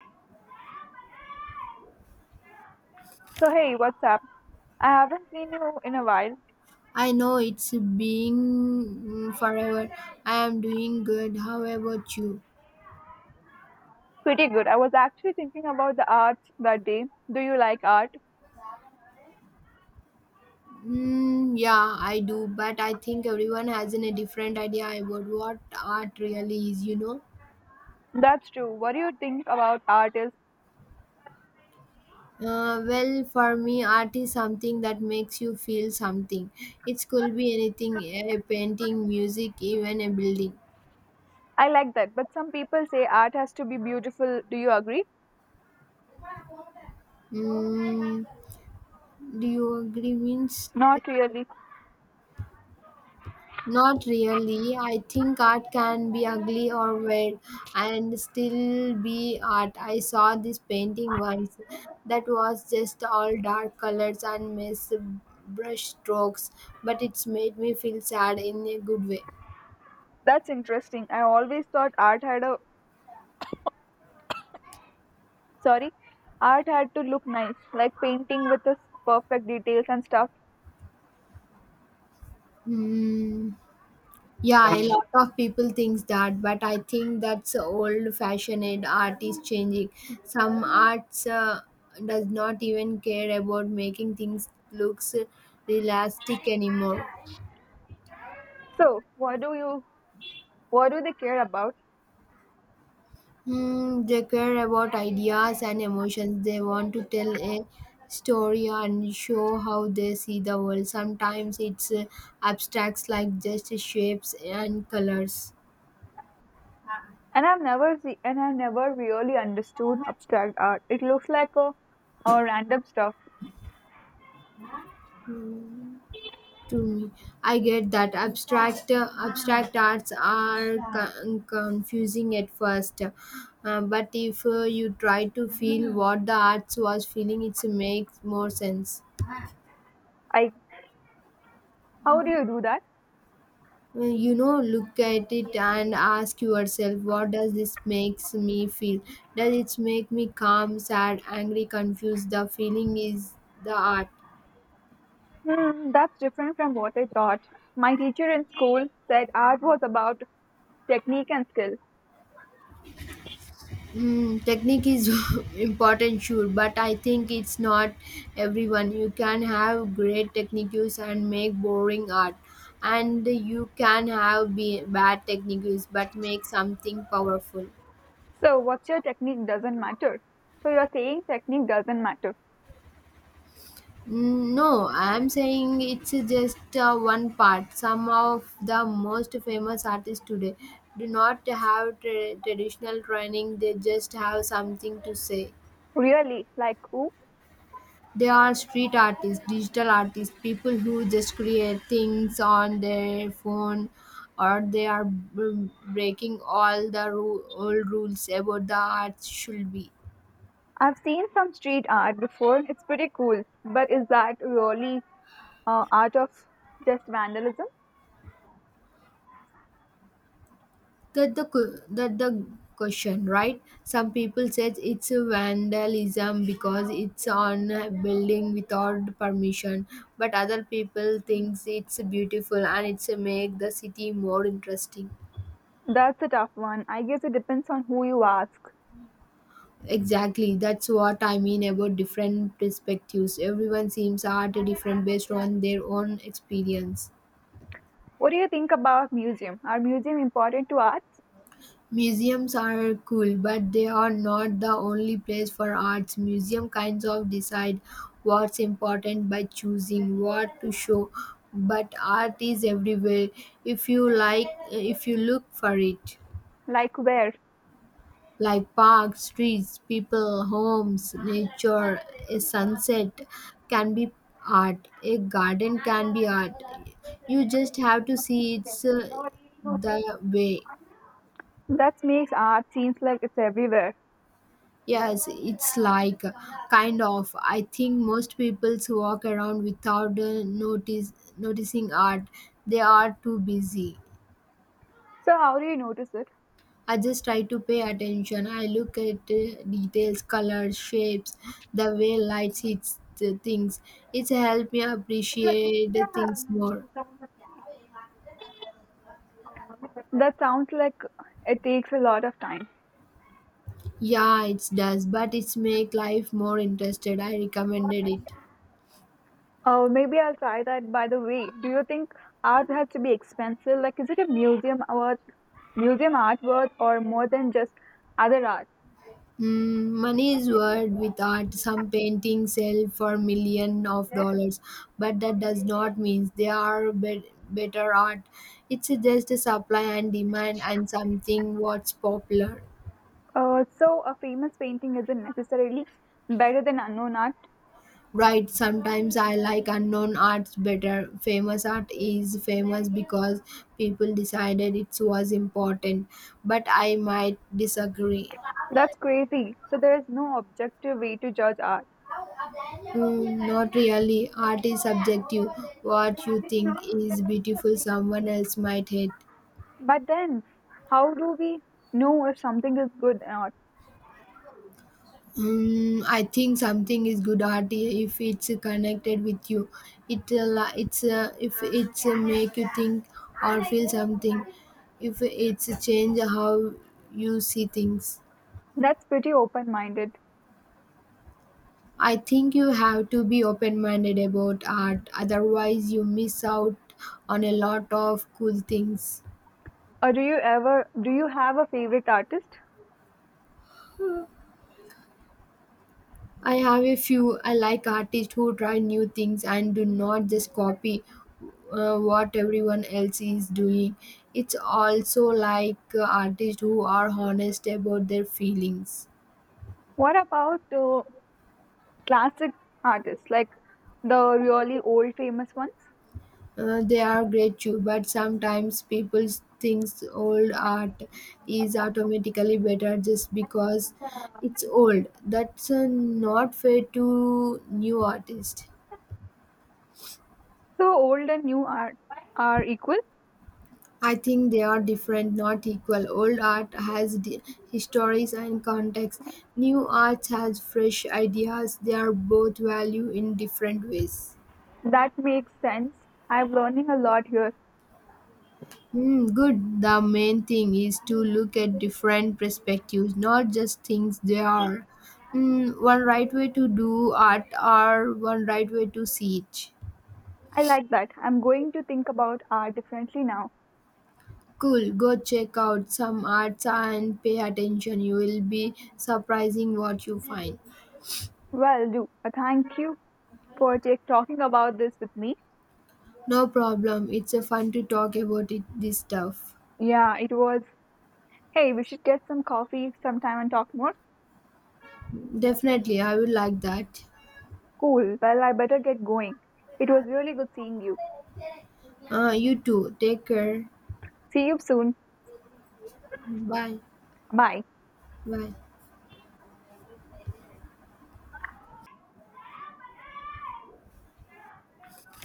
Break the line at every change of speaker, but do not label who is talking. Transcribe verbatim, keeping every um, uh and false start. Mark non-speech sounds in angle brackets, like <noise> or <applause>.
So, hey, what's up? I haven't seen you in a while.
I know it's being mm, forever. I am doing good. How about you?
Pretty good. I was actually thinking about the arts that day. Do you like art?
Mm, yeah, I do, but I think everyone has in a different idea about what art really is, you know.
That's true. What do you think about art is?
Uh, well, for me, art is something that makes you feel something. It could be anything a painting, music, even a building.
I like that, but some people say art has to be beautiful. Do you agree?
Mm, do you agree? Means
Not really.
not really. I think art can be ugly or weird and still be art. I saw this painting once that was just all dark colors and mess brush strokes, but it's made me feel sad in a good way.
That's interesting. I always thought art had a sorry, art had to look nice, like painting with the perfect details and stuff.
Hmm. Yeah, a lot of people thinks that, but I think that's old-fashioned art is changing. Some arts uh, does not even care about making things looks realistic anymore.
So, what do you what do they care about?
Hmm, they care about ideas and emotions. They want to tell a story and show how they see the world. Sometimes it's uh, abstracts like just shapes and colors.
And I've never see, and I've never really understood abstract art. It looks like a, a random stuff.
Hmm, to me, I get that abstract uh, abstract arts are con- confusing at first. Uh, but if uh, you try to feel what the arts was feeling, it makes more sense.
I How do you do that?
Well, you know look at it and ask yourself what does this makes me feel does it make me calm sad angry confused the feeling is the art.
Hmm, that's different from what I thought. My teacher in school said art was about technique and skill.
Mm, technique is <laughs> important sure but I think it's not everyone you can have great techniques and make boring art and you can have be- bad techniques but make something powerful.
So what's your technique doesn't matter. So you're saying technique doesn't matter.
Mm, no, I'm saying it's just uh, one part. Some of the most famous artists today do not have tra- traditional training, they just have something to say.
Really? Like who?
They are street artists, digital artists, people who just create things on their phone or they are b- breaking all the ru- old rules about the arts should be.
I've seen some street art before. It's pretty cool. But is that really uh, art of just vandalism?
That the que- that the question, right? Some people says it's a vandalism because it's on a building without permission, but other people thinks it's beautiful and it's a make the city more interesting.
That's a tough one. I guess it depends on who you ask.
Exactly, that's what I mean about different perspectives. Everyone seems art different based on their own experience.
What do you think about museum? Are museum important to arts?
Museums are cool, but they are not the only place for arts. Museum kinds of decide what's important by choosing what to show, but art is everywhere if you like if you look for it.
Like where?
Like parks, streets, people, homes, nature, a sunset can be art. A garden can be art. You just have to see it's uh, the way.
That makes art seems like it's everywhere.
Yes, it's like uh, kind of. I think most people walk around without uh, notice noticing art. They are too busy.
So how do you notice it?
I just try to pay attention. I look at uh, details, colors, shapes, the way light hits the things. It's helped me appreciate the things more.
That sounds like it takes a lot of time.
Yeah, it does, but it's make life more interested. I recommended it.
Oh, maybe I'll try that. By the way, do you think art has to be expensive? Like, is it a museum worth, museum art worth, or more than just other art?
Mm, money is worth with art. Some paintings sell for million of dollars, but that does not mean they are be- better art. It's just a supply and demand and something what's popular.
Uh, so a famous painting isn't necessarily better than unknown art.
Right, sometimes I like unknown arts better. Famous art is famous because people decided it was important, but I might disagree.
That's crazy. So there is no objective way to judge art.
Mm, not really. Art is subjective. What you think is beautiful, someone else might hate.
But then, how do we know if something is good or not?
Mm, I think something is good art if it's connected with you. It uh, la- it's uh, if it's uh, make you think or feel something. If it's change how you see things.
That's pretty open-minded.
I think you have to be open minded about art. Otherwise, you miss out on a lot of cool things.
Or do you ever Do you have a favorite artist?
I have a few. I like artists who try new things and do not just copy uh, what everyone else is doing. It's also like uh, artists who are honest about their feelings.
What about uh, classic artists like the really old famous ones?
Uh, they are great too, but sometimes people think old art is automatically better just because it's old. That's uh, not fair to new artists.
So old and new art are equal.
I think they are different, not equal. Old art has d- histories and context. New art has fresh ideas. They are both value in different ways.
That makes sense. I'm learning a lot here.
Hmm, good. The main thing is to look at different perspectives, not just things they are. Hmm, one right way to do art or one right way to see it.
I like that. I'm going to think about art differently now.
Cool, go check out some arts and pay attention. You will be surprising what you find.
Well, do uh, thank you for take, talking about this with me.
No problem. It's a fun to talk about it, this stuff.
Yeah, it was. Hey, we should get some coffee sometime and talk more.
Definitely, I would like that.
Cool. Well, I better get going. It was really good seeing you.
Uh, you too. Take care.
See you soon.
Bye.
Bye.
Bye.